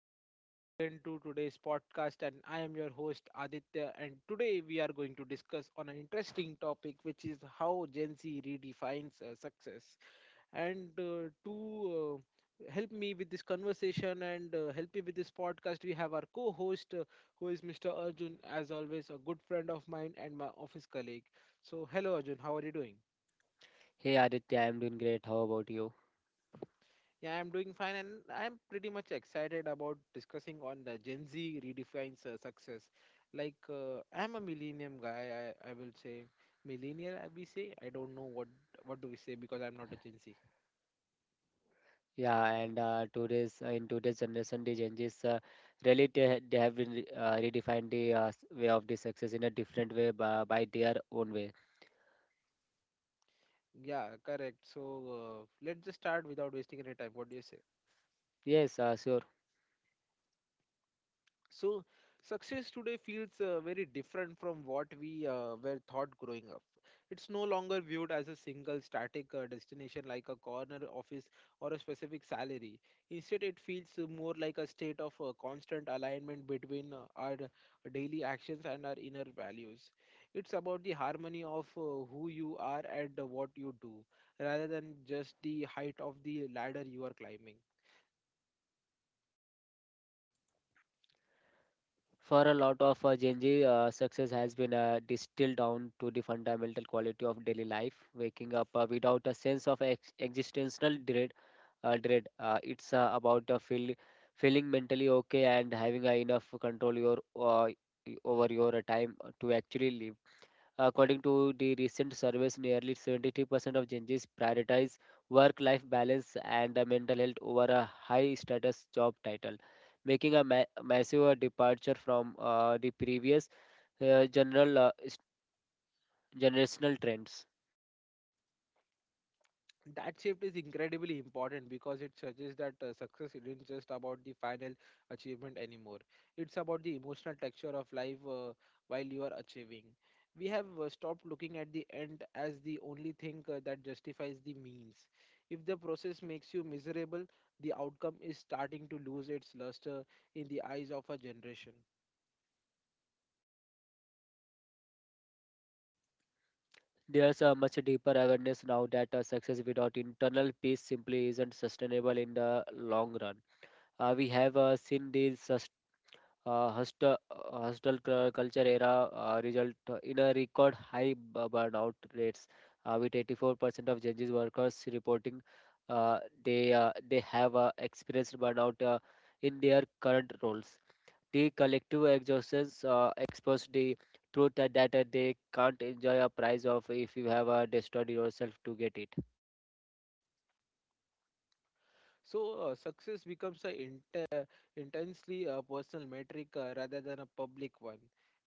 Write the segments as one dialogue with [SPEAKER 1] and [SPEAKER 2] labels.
[SPEAKER 1] welcome back again to today's podcast. And I am your host Aditya. And today we are going to discuss on an interesting topic, which is how Gen Z redefines success. And to help me with this conversation and help me with this podcast, we have our co-host, who is Mr. Arjun, as always, a good friend of mine and my office colleague. So, hello Arjun, how are you doing?
[SPEAKER 2] Hey Aditya, I'm doing great. How about you?
[SPEAKER 1] Yeah, I'm doing fine, and I'm pretty much excited about discussing on the Gen Z redefines success. I'm a millennium guy. I will say millennial. I we say I don't know what do we say because I'm not a Gen Z.
[SPEAKER 2] Yeah, and today's in today's generation, the changes really they have been redefined the way of the success in a different way by their own way.
[SPEAKER 1] Yeah, correct. So let's just start without wasting any time. What do you say?
[SPEAKER 2] Yes, sure.
[SPEAKER 1] So success today feels very different from what we were taught growing up. It's no longer viewed as a single static destination like a corner office or a specific salary. Instead, it feels more like a state of constant alignment between our daily actions and our inner values. It's about the harmony of who you are and what you do, rather than just the height of the ladder you are climbing.
[SPEAKER 2] For a lot of Gen Z, success has been distilled down to the fundamental quality of daily life, waking up without a sense of ex existential dread. It's about feeling mentally okay and having enough control your over your time to actually live. According to the recent surveys, nearly 73% of Gen Zs prioritize work-life balance and mental health over a high-status job title, making a massive departure from the previous uh, general uh, s- generational trends.
[SPEAKER 1] That shift is incredibly important because it suggests that success isn't just about the final achievement anymore. It's about the emotional texture of life while you are achieving. We have stopped looking at the end as the only thing that justifies the means. If the process makes you miserable, the outcome is starting to lose its luster in the eyes of a generation.
[SPEAKER 2] There's a much deeper awareness now that success without internal peace simply isn't sustainable in the long run. We have seen these hostel culture era result in a record high burnout rates, with 84% of Gen Z workers reporting uh, they have experienced burnout in their current roles. The collective exhaustions expose the truth that they can't enjoy a prize of if you have destroyed yourself to get it.
[SPEAKER 1] So success becomes an inter- intensely personal metric rather than a public one.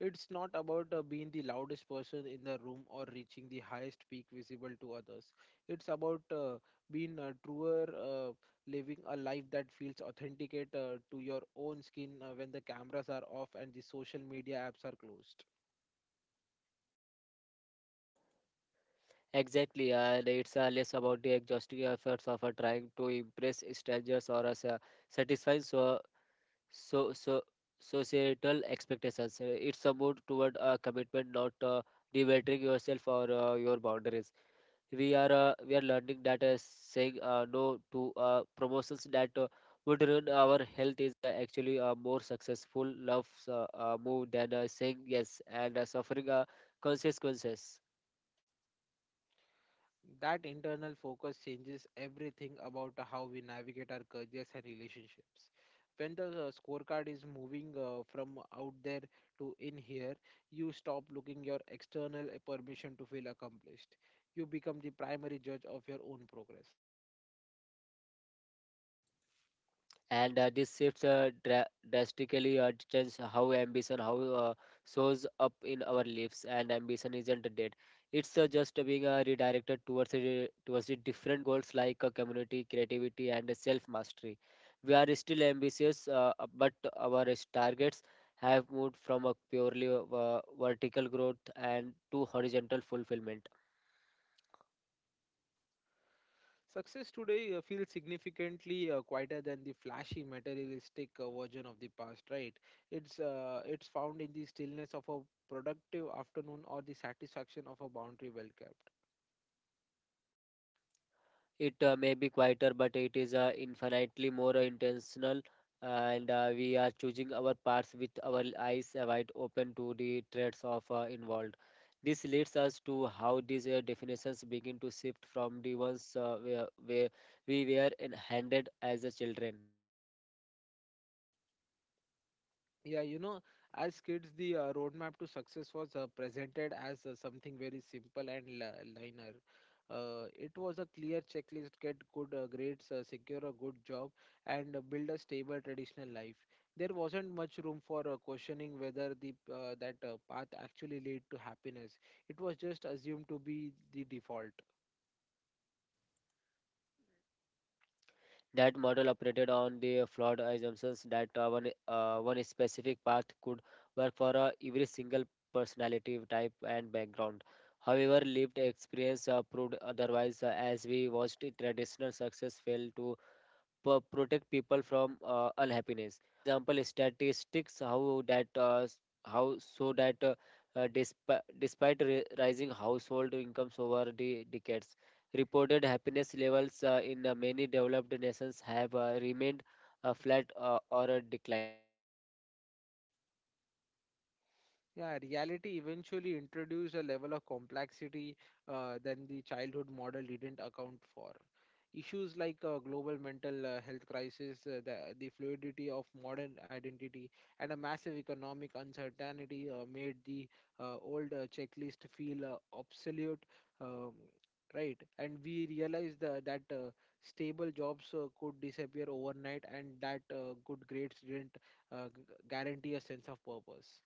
[SPEAKER 1] It's not about being the loudest person in the room or reaching the highest peak visible to others. It's about being truer, living a life that feels authenticate to your own skin when the cameras are off and the social media apps are closed.
[SPEAKER 2] Exactly, and it's less about the exhausting efforts of trying to impress strangers or satisfying so so societal expectations. It's a move toward a commitment not debating yourself or your boundaries. We are learning that saying no to promotions that would ruin our health is actually a more successful love move than saying yes and suffering consequences.
[SPEAKER 1] That internal focus changes everything about how we navigate our careers and relationships. When the scorecard is moving from out there to in here, you stop looking your external permission to feel accomplished. You become the primary judge of your own progress.
[SPEAKER 2] And drastically change how ambition how uh, shows up in our lives, and ambition isn't dead. It's just being redirected towards the different goals like community, creativity and self mastery. We are still ambitious, but our targets have moved from a purely vertical growth and to horizontal fulfillment.
[SPEAKER 1] Success today feels significantly quieter than the flashy, materialistic version of the past. Right? It's found in the stillness of a productive afternoon or the satisfaction of a boundary well kept.
[SPEAKER 2] It may be quieter, but it is infinitely more intentional, and we are choosing our paths with our eyes wide open to the threats of involved. This leads us to how these definitions begin to shift from the ones where we were in- handed as a children.
[SPEAKER 1] Yeah, you know, as kids, the roadmap to success was presented as something very simple and linear. It was a clear checklist: get good grades, secure a good job, and build a stable traditional life. There wasn't much room for questioning whether the that path actually lead to happiness. It was just assumed to be the default.
[SPEAKER 2] That model operated on the flawed assumptions that one specific path could work for every single personality type and background. However, lived experience proved otherwise as we watched traditional success fail to protect people from unhappiness. For example, statistics how that s- how so that despite, despite rising household incomes over the decades, reported happiness levels in many developed nations have remained flat or declined.
[SPEAKER 1] Yeah, reality eventually introduced a level of complexity than the childhood model didn't account for. Issues like global mental health crisis, the fluidity of modern identity, and a massive economic uncertainty made the old checklist feel obsolete. Um, right, and we realized that stable jobs could disappear overnight, and that good grades didn't guarantee a sense of purpose.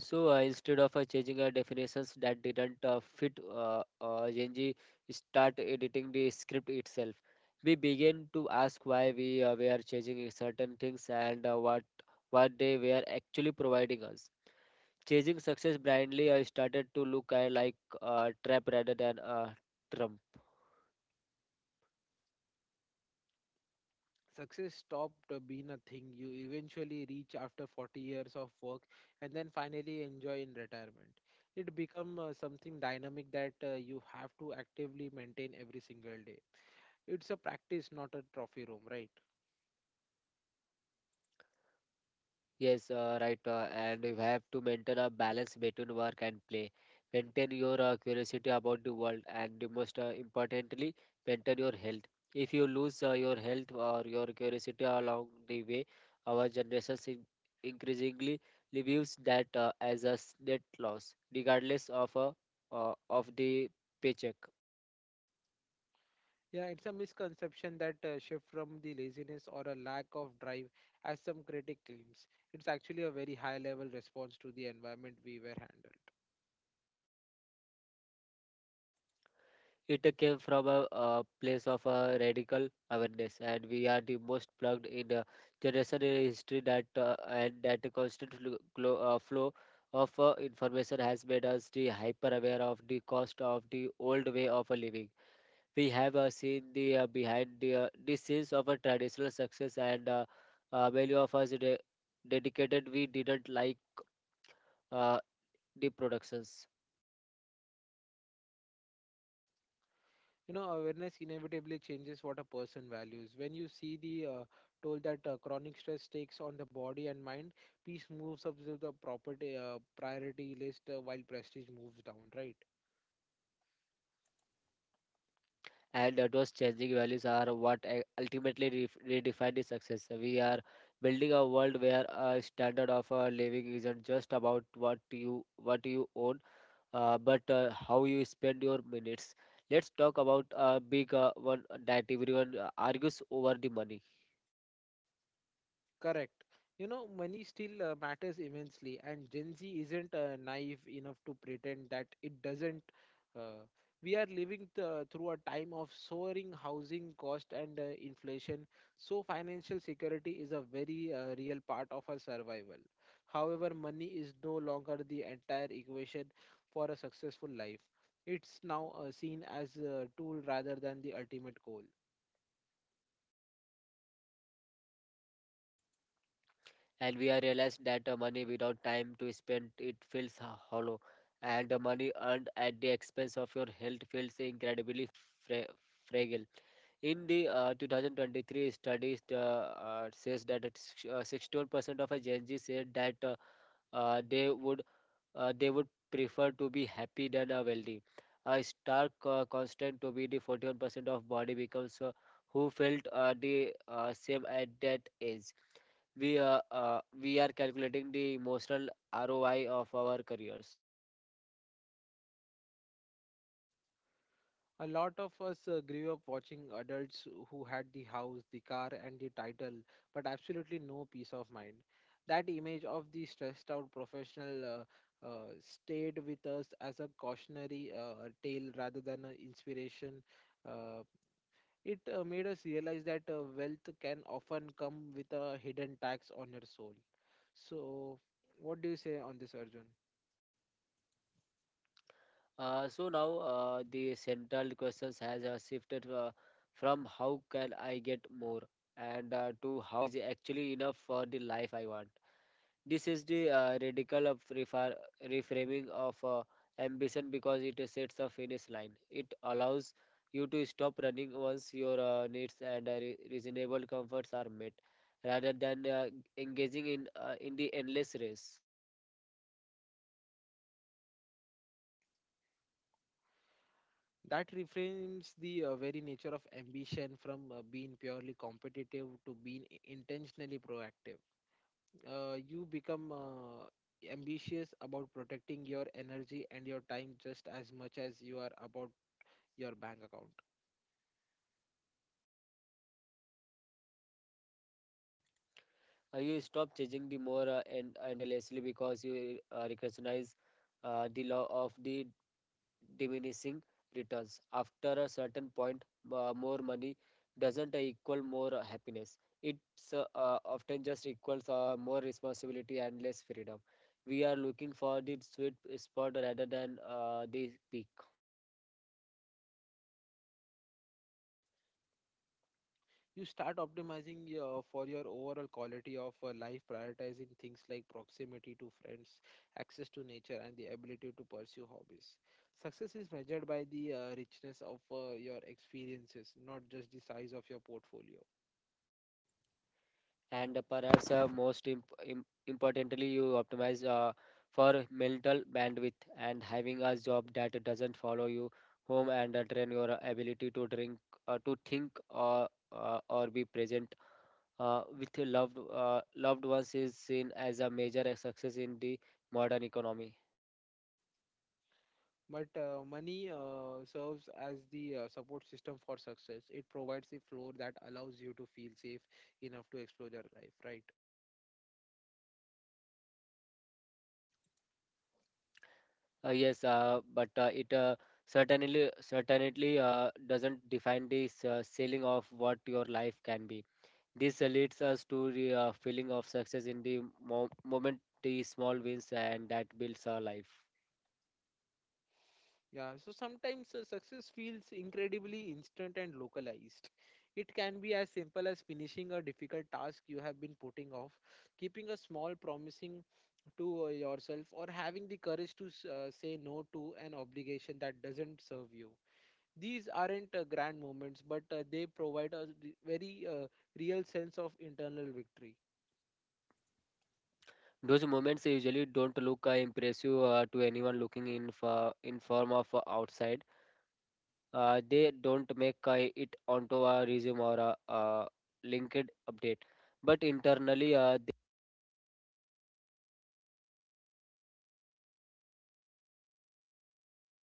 [SPEAKER 2] So instead of changing our definitions that didn't fit, Genji start editing the script itself. We began to ask why we were changing certain things and what they were actually providing us. Chasing success blindly, I started to look like a trap rather than a trump.
[SPEAKER 1] Success stopped being a thing you eventually reach after 40 years of work and then finally enjoy in retirement. It become something dynamic that you have to actively maintain every single day. It's a practice, not a trophy room, right?
[SPEAKER 2] Yes, right. And you have to maintain a balance between work and play. Maintain your curiosity about the world, and you must importantly maintain your health. If you lose your health or your curiosity along the way, our generation increasingly views that as a s- net loss, regardless of the paycheck.
[SPEAKER 1] Yeah, it's a misconception that shift from the laziness or a lack of drive, as some critic claims. It's actually a very high level response to the environment we were handled.
[SPEAKER 2] It came from a, place of a radical awareness, and we are the most plugged in, generation in history that and that the constant flow of information has made us the hyper aware of the cost of the old way of living. We have seen the behind the scenes of a traditional success, and many of us dedicated we didn't like uh, the productions.
[SPEAKER 1] You know, awareness inevitably changes what a person values. When you see the toll that chronic stress takes on the body and mind, peace moves up to the property priority list while prestige moves down, right?
[SPEAKER 2] And those changing values are what ultimately redefine the success. We are building a world where a standard of living isn't just about what you own, but how you spend your minutes. Let's talk about a big one that everyone argues over: the money.
[SPEAKER 1] Correct. You know, money still matters immensely, and Gen Z isn't naive enough to pretend that it doesn't. Uh, we are living through a time of soaring housing cost and inflation, so financial security is a very real part of our survival. However, money is no longer the entire equation for a successful life. It's now seen as a tool rather than the ultimate goal.
[SPEAKER 2] And we are realized that money without time to spend it feels hollow, and the money earned at the expense of your health feels incredibly fra- fragile. In the 2023 studies, says that 61% of a gen z said that uh, they would they would prefer to be happy than wealthy. A stark constant to be the 41% of body becomes who felt the same at that age. We are calculating the emotional ROI of our careers.
[SPEAKER 1] A lot of us grew up watching adults who had the house, the car, and the title, but absolutely no peace of mind. That image of the stressed out professional stayed with us as a cautionary tale rather than an inspiration. Uh, it made us realize that wealth can often come with a hidden tax on your soul. So, what do you say on this, Arjun?
[SPEAKER 2] So now the central questions has shifted, from how can I get more, and to how is actually enough for the life I want. This is the radical reframing of ambition because it sets a finish line. It allows you to stop running once your needs and reasonable comforts are met, rather than engaging in the endless race.
[SPEAKER 1] That reframes the very nature of ambition from being purely competitive to being intentionally proactive. You become ambitious about protecting your energy and your time just as much as you are about your bank account.
[SPEAKER 2] You stop chasing the more and endlessly because you recognize the law of the diminishing returns. After a certain point, more money doesn't equal more happiness. It's often just equals more responsibility and less freedom. We are looking for the sweet spot rather than the peak.
[SPEAKER 1] You start optimizing for your overall quality of life, prioritizing things like proximity to friends, access to nature, and the ability to pursue hobbies. Success is measured by the richness of your experiences, not just the size of your portfolio.
[SPEAKER 2] And perhaps most importantly, you optimize for mental bandwidth, and having a job that doesn't follow you home and train your ability to drink, to think, or be present with your loved ones is seen as a major success in the modern economy.
[SPEAKER 1] But money serves as the support system for success. It provides a floor that allows you to feel safe enough to explore your life, right?
[SPEAKER 2] Yes, but it certainly doesn't define the ceiling of what your life can be. This leads us to the feeling of success in the moment, the small wins, and that builds our life.
[SPEAKER 1] Yeah, so sometimes success feels incredibly instant and localized. It can be as simple as finishing a difficult task you have been putting off, keeping a small promising to yourself, or having the courage to say no to an obligation that doesn't serve you. These aren't grand moments, but they provide a very real sense of internal victory.
[SPEAKER 2] Those moments usually don't look impressive to anyone looking in for in form of outside. They don't make it onto a resume or a, linked update, but internally they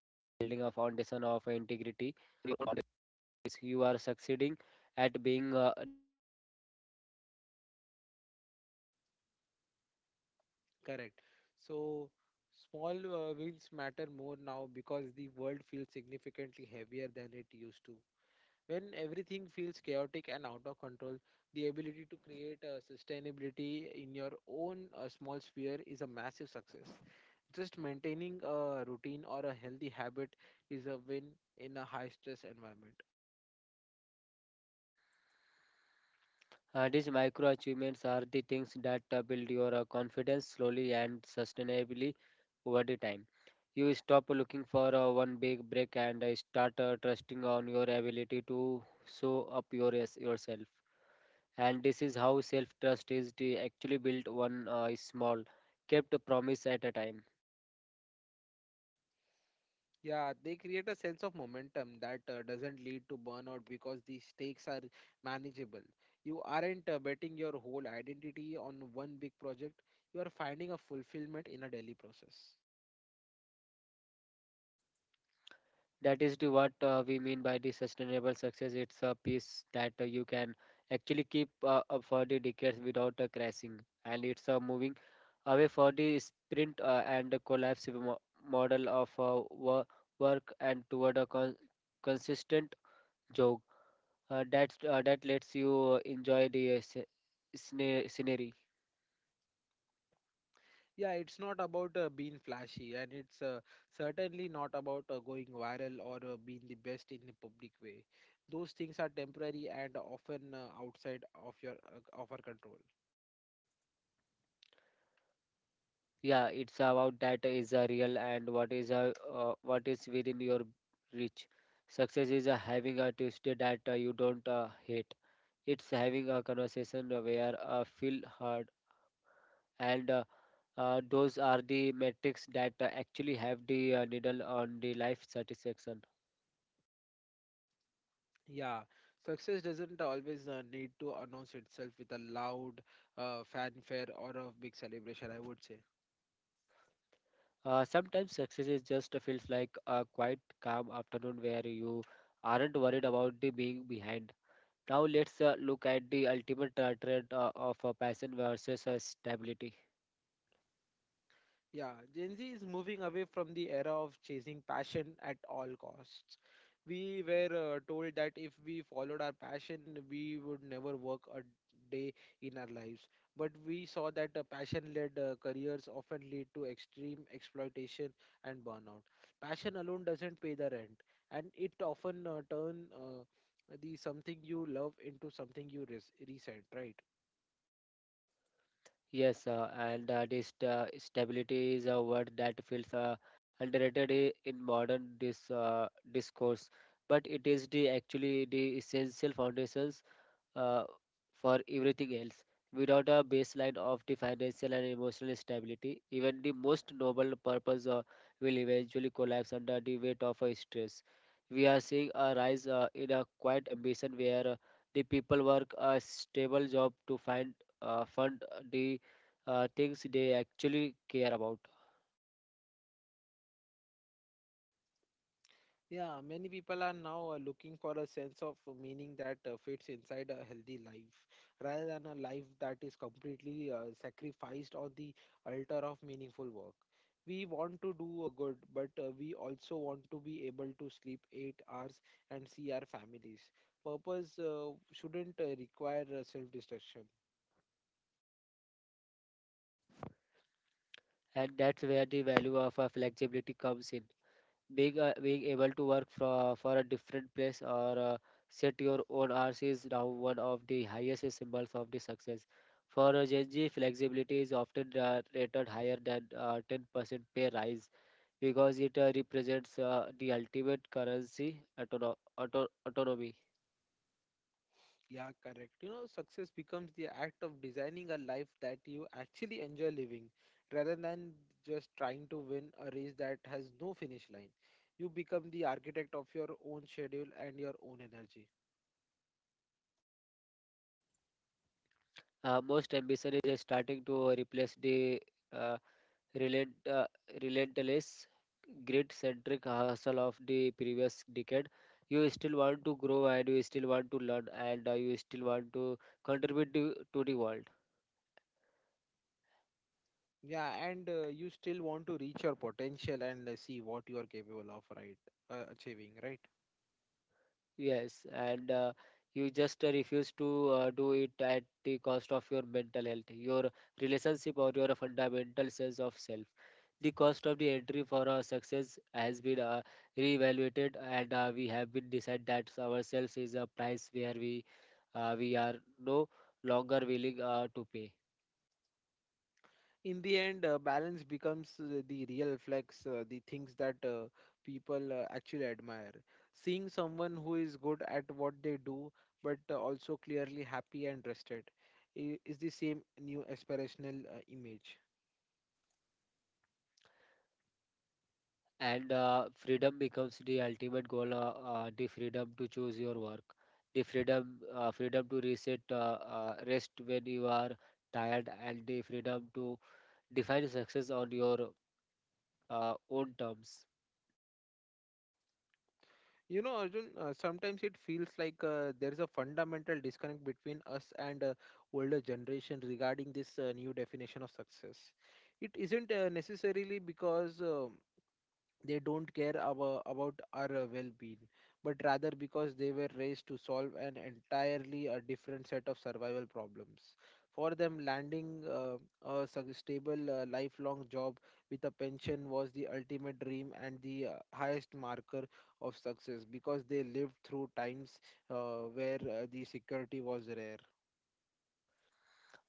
[SPEAKER 2] are building a foundation of integrity. You are succeeding at being,
[SPEAKER 1] Correct. So small wins matter more now because the world feels significantly heavier than it used to. When everything feels chaotic and out of control, the ability to create sustainability in your own small sphere is a massive success. Just maintaining a routine or a healthy habit is a win in a high stress environment.
[SPEAKER 2] these micro achievements are the things that build your confidence slowly and sustainably over the time. You stop looking for one big break and start trusting on your ability to show up yourself, and this is how self trust is the actually built, one is small, kept a promise at a time.
[SPEAKER 1] Yeah, they create a sense of momentum that doesn't lead to burnout because the stakes are manageable. You aren't betting your whole identity on one big project, you are finding a fulfillment in a daily process.
[SPEAKER 2] That is the what we mean by the sustainable success. It's a piece that you can actually keep up for the decades without crashing, and it's moving away for the sprint and the collapse model of work and toward a consistent jog that lets you enjoy the scenery.
[SPEAKER 1] Yeah, it's not about being flashy, and it's certainly not about going viral or being the best in a public way. Those things are temporary and often outside of your of our control.
[SPEAKER 2] Yeah, it's about that is a real and what is a what is within your reach. Success is a having a tuesday that you don't hate. It's having a conversation where feel heard, and those are the metrics that actually have the needle on the life satisfaction.
[SPEAKER 1] Yeah, success doesn't always need to announce itself with a loud fanfare or a big celebration, I would say.
[SPEAKER 2] Sometimes success is just feels like a quiet calm afternoon where you aren't worried about the being behind. Now let's look at the ultimate trend of passion versus stability.
[SPEAKER 1] Yeah, Gen Z is moving away from the era of chasing passion at all costs. We were told that if we followed our passion, we would never work a day in our lives. But we saw that passion led careers often lead to extreme exploitation and burnout. Passion alone doesn't pay the rent, and it often turn the something you love into something you resent, right?
[SPEAKER 2] Yes, and this stability is a word that feels underrated in modern discourse, but it is the actually the essential foundations uh, for everything else. Without a baseline of the financial and emotional stability, even the most noble purpose will eventually collapse under the weight of a stress. We are seeing a rise in a quiet ambition where the people work a stable job to find fund the things they actually care about,
[SPEAKER 1] Yeah, many people are now looking for a sense of meaning that fits inside a healthy life rather than a life that is completely sacrificed on the altar of meaningful work. We want to do good, but we also want to be able to sleep 8 hours and see our families. Purpose shouldn't require self-destruction.
[SPEAKER 2] and that's where the value of flexibility comes in. Being being able to work for a different place or set your own hours is now one of the highest symbols of the success. For a Gen Z, flexibility is often rated higher than 10% pay rise because it represents the ultimate currency autonomy.
[SPEAKER 1] Yeah, correct. You know, success becomes the act of designing a life that you actually enjoy living rather than just trying to win a race that has no finish line. You become the architect of your own schedule and your own energy.
[SPEAKER 2] Most ambition is starting to replace the uh, relent, uh, relentless grid-centric hustle of the previous decade. You still want to grow and you still want to learn and you still want to contribute to the world.
[SPEAKER 1] Yeah, and you still want to reach your potential and see what you are capable of, right? Achieving, right?
[SPEAKER 2] Yes, and you just refuse to do it at the cost of your mental health, your relationship, or your fundamental sense of self. The cost of the entry for our success has been reevaluated and we have been decided that ourselves is a price where we are no longer willing to pay.
[SPEAKER 1] In the end balance becomes the real flex, the things that people actually admire. Seeing someone who is good at what they do but also clearly happy and rested is the same new aspirational image.
[SPEAKER 2] And freedom becomes the ultimate goal, the freedom to choose your work, the freedom to reset, rest when you are tired, and the freedom to define success on your own terms.
[SPEAKER 1] You know, Arjun, sometimes it feels like there's a fundamental disconnect between us and older generation regarding this new definition of success. It isn't necessarily because they don't care about our well-being, but rather because they were raised to solve an entirely a different set of survival problems. For them, landing a stable lifelong job with a pension was the ultimate dream and the highest marker of success because they lived through times where the security was rare.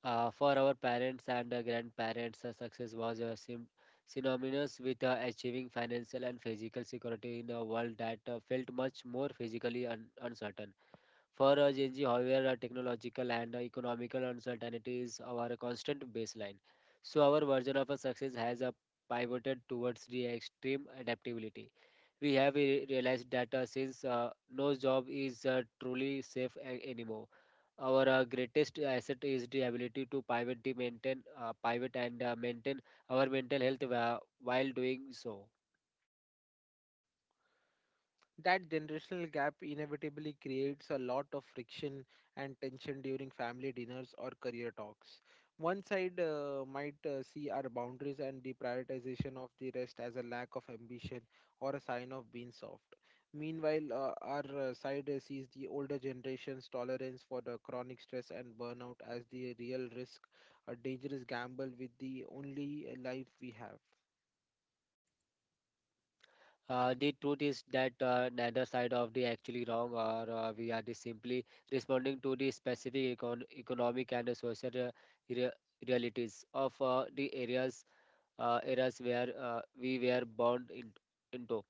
[SPEAKER 2] For our parents and grandparents, success was synonymous with achieving financial and physical security in a world that felt much more physically uncertain. For Gen Z, however, technological and economical uncertainty is our constant baseline. So our version of a success has pivoted towards the extreme adaptability. We have realized that since no job is truly safe anymore, our greatest asset is the ability to pivot, the maintain, pivot and maintain our mental health while doing so.
[SPEAKER 1] That generational gap inevitably creates a lot of friction and tension during family dinners or career talks. One side might see our boundaries and the prioritization of the rest as a lack of ambition or a sign of being soft. Meanwhile, our side sees the older generation's tolerance for the chronic stress and burnout as the real risk, a dangerous gamble with the only life we have.
[SPEAKER 2] The truth is that neither side of the actually wrong, or we are just simply responding to the specific economic and social rea- realities of the areas where we were born in, into.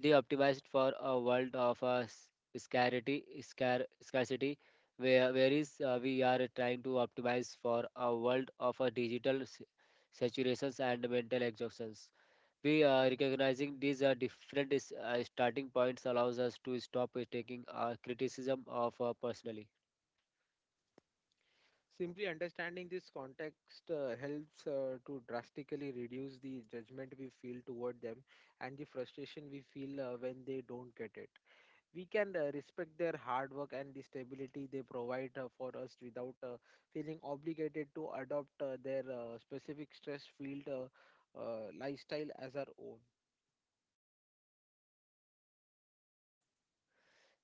[SPEAKER 2] They optimized for a world of scarcity, scarcity, whereas we are trying to optimize for a world of digital saturations and mental exhaustion. We Recognizing these different starting points allows us to stop taking criticism of personally,
[SPEAKER 1] Simply understanding this context helps to drastically reduce the judgment we feel toward them and the frustration we feel when they don't get it. We can respect their hard work and the stability they provide for us without feeling obligated to adopt their specific stress field lifestyle as our own.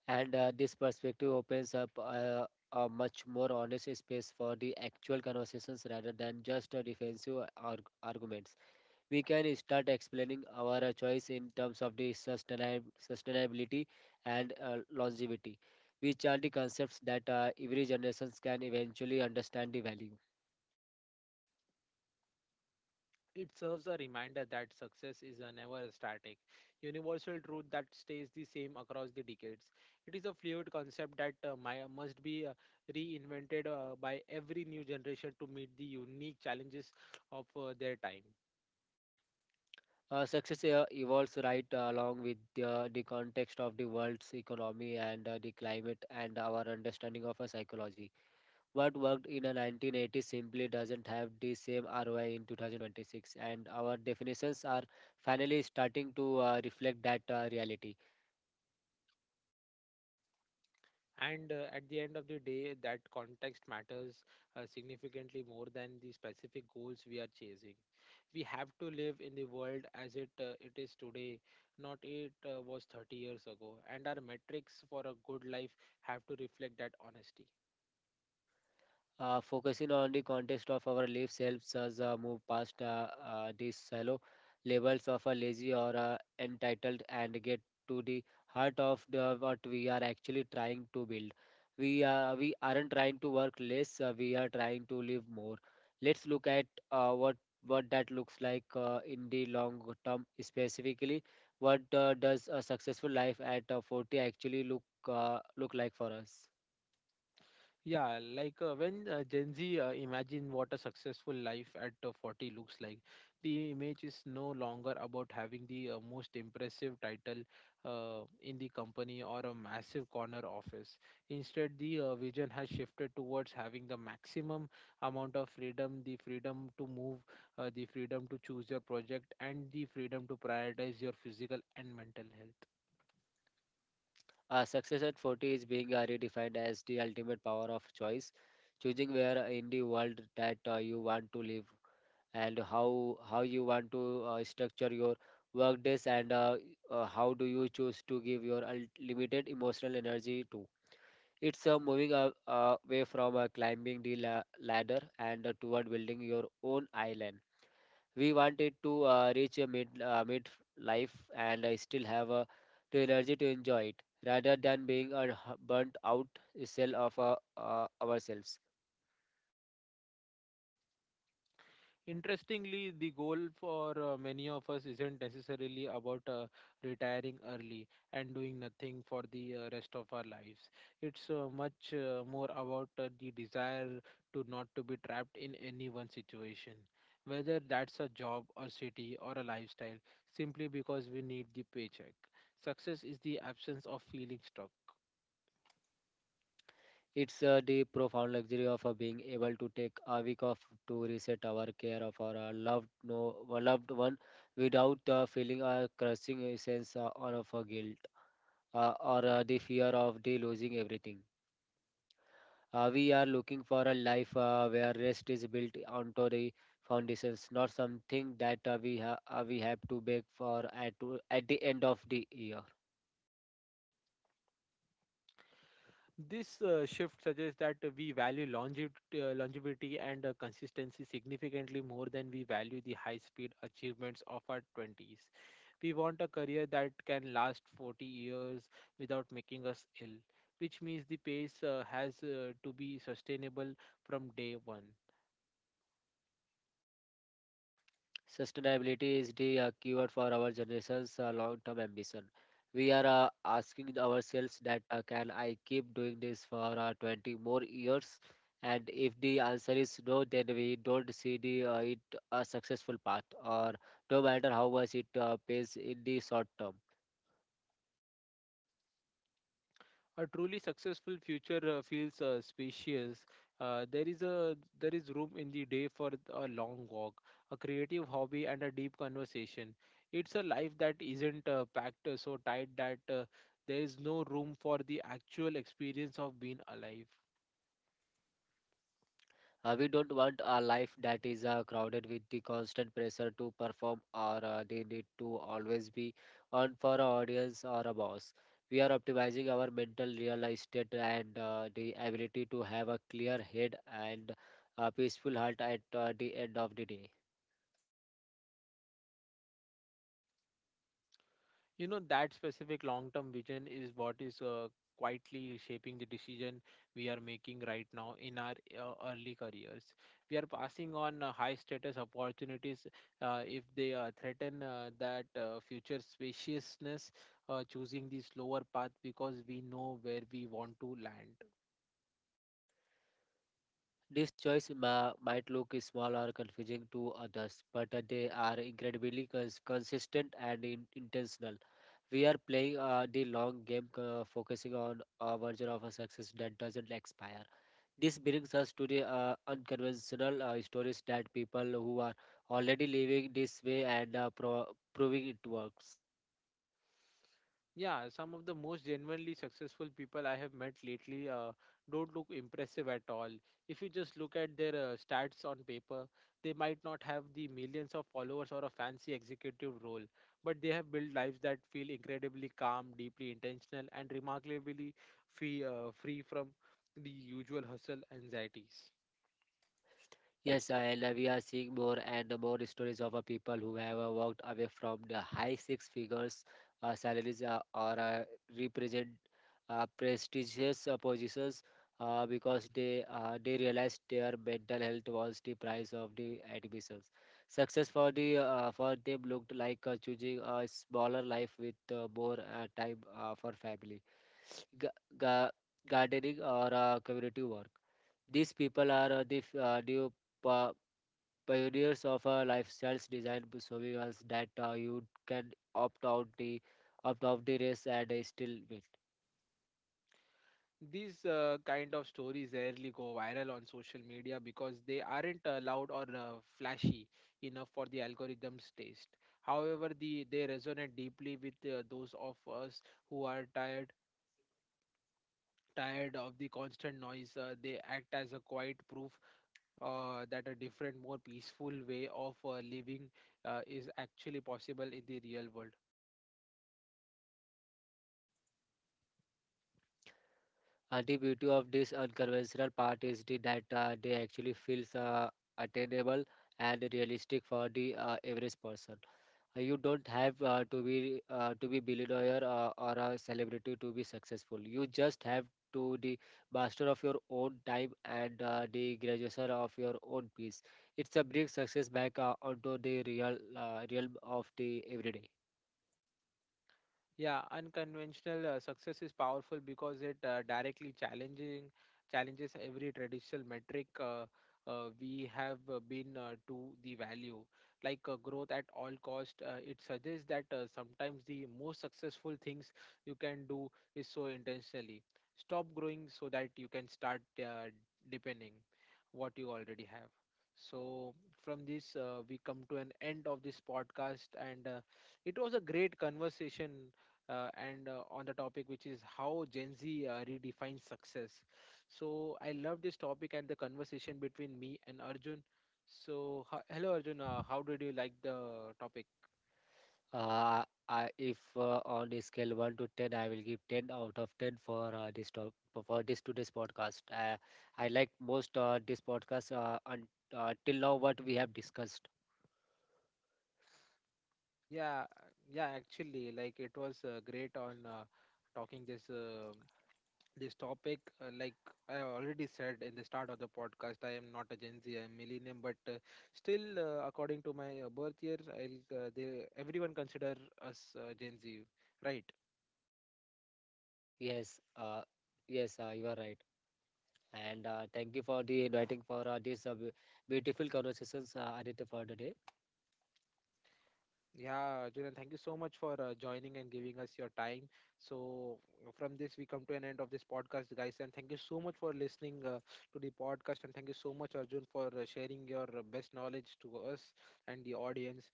[SPEAKER 2] and this perspective opens up a much more honest space for the actual conversations rather than just defensive arguments. We can start explaining our choice in terms of the sustainability and longevity, which are the concepts that every generations can eventually understand the value.
[SPEAKER 1] It serves a reminder that success is a never static, universal truth that stays the same across the decades. It is a fluid concept that must be reinvented by every new generation to meet the unique challenges of their time.
[SPEAKER 2] Success evolves right along with the context of the world's economy and the climate and our understanding of a psychology. What worked in the 1980s simply doesn't have the same ROI in 2026, and our definitions are finally starting to reflect that reality.
[SPEAKER 1] And at the end of the day, that context matters significantly more than the specific goals we are chasing. We have to live in the world as it is today, not it was 30 years ago, and our metrics for a good life have to reflect that honesty.
[SPEAKER 2] Focusing on the context of our lives helps us move past these shallow labels of a lazy or entitled and get to the heart of the, what we are actually trying to build. We aren't trying to work less. We are trying to live more. Let's look at what that looks like in the long term. Specifically, what does a successful life at 40 actually look like for us?
[SPEAKER 1] Yeah, like when Gen Z imagine what a successful life at 40 looks like, the image is no longer about having the most impressive title in the company or a massive corner office. Instead, the vision has shifted towards having the maximum amount of freedom, the freedom to move, the freedom to choose your project, and the freedom to prioritize your physical and mental health.
[SPEAKER 2] Success at 40 is being redefined as the ultimate power of choice, choosing where in the world that you want to live and how you want to structure your work days and how do you choose to give your unlimited emotional energy to. It's moving away from climbing the ladder and toward building your own island. We wanted to reach a mid life and still have the energy to enjoy it rather than being a burnt out cell of ourselves.
[SPEAKER 1] Interestingly, the goal for many of us isn't necessarily about retiring early and doing nothing for the rest of our lives. It's much more about the desire to not to be trapped in any one situation, whether that's a job or city or a lifestyle, simply because we need the paycheck. Success is the absence of feeling stuck.
[SPEAKER 2] It's the profound luxury of being able to take a week off to reset our care of our loved one without feeling a crushing sense of guilt or the fear of the losing everything. We are looking for a life where rest is built onto the foundations, not something that we have to beg for at the end of the year.
[SPEAKER 1] This shift suggests that we value longevity and consistency significantly more than we value the high speed achievements of our 20s. We want a career that can last 40 years without making us ill, which means the pace has to be sustainable from day one.
[SPEAKER 2] Sustainability is the keyword for our generation's long-term ambition. We are asking ourselves that can I keep doing this for 20 more years? And if the answer is no, then we don't see the it a successful path, or no matter how much it pays in the short term.
[SPEAKER 1] A truly successful future feels spacious. There is room in the day for a long walk, a creative hobby, and a deep conversation. It's a life that isn't packed so tight that there is no room for the actual experience of being alive.
[SPEAKER 2] We don't want a life that is crowded with the constant pressure to perform or the need to always be on for our audience or a boss. We are optimizing our mental real estate and the ability to have a clear head and a peaceful heart at the end of the day.
[SPEAKER 1] You know that specific long term vision is what is quietly shaping the decision we are making right now in our early careers. We are passing on high status opportunities if they threaten that future spaciousness, choosing the slower path because we know where we want to land.
[SPEAKER 2] This might look small or confusing to others, but they are incredibly consistent and intentional. We are playing the long game, focusing on a version of a success that doesn't expire. This brings us to the unconventional stories that people who are already living this way and proving it works.
[SPEAKER 1] Yeah, some of the most genuinely successful people I have met lately don't look impressive at all. If you just look at their stats on paper, they might not have the millions of followers or a fancy executive role, but they have built lives that feel incredibly calm, deeply intentional, and remarkably free, free from the usual hustle anxieties.
[SPEAKER 2] Yes, I love we are seeing more and more stories of people who have walked away from the high six figures salaries or represent prestigious positions because they realized their mental health was the price of the admissions. Success for them looked like choosing a smaller life with more time for family, ga- ga- gardening, or community work. These people are new pa- pioneers of a lifestyle design showing us that you can opt out the opt out the race and still win.
[SPEAKER 1] These kind of stories rarely go viral on social media because they aren't loud or flashy enough for the algorithm's taste. However, they resonate deeply with those of us who are tired of the constant noise. They act as a quiet proof that a different, more peaceful way of living is actually possible in the real world.
[SPEAKER 2] And the beauty of this unconventional part is the that they actually feels attainable and realistic for the average person. You don't have to be to be billionaire or a celebrity to be successful. You just have to the master of your own time and the graduation of your own peace. It's a bring success back onto the realm of the everyday.
[SPEAKER 1] Yeah, unconventional success is powerful because it directly challenging challenges every traditional metric we have been to the value like growth at all cost. It suggests that sometimes the most successful things you can do is so intentionally stop growing so that you can start depending what you already have. So from this we come to an end of this podcast and. It was a great conversation and on the topic which is how Gen Z redefines success. So I love this topic and the conversation between me and Arjun. So hello Arjun, how did you like the topic?
[SPEAKER 2] uh, if on a scale 1 to 10 I will give 10 out of 10 for for this today's podcast. I like most this podcast, till now what we have discussed.
[SPEAKER 1] Yeah, uh, yeah, actually, like it was great on talking this this topic. Like I already said in the start of the podcast, I am not a Gen Z, I am millennium, but still, according to my birth year, I'll they everyone consider us Gen Z, right?
[SPEAKER 2] Yes, uh, yes, you are right. And thank you for the inviting for this beautiful conversations, Aditya, for today.
[SPEAKER 1] Yeah, Julian, thank you so much for joining and giving us your time. So, from this, we come to an end of this podcast, guys. And thank you so much for listening to the podcast. And thank you so much, Arjun, for sharing your best knowledge to us and the audience.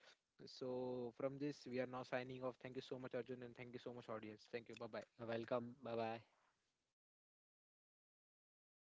[SPEAKER 1] So, from this, we are now signing off. Thank you so much, Arjun, and thank you so much, audience. Thank you. Bye bye.
[SPEAKER 2] Welcome. Bye bye.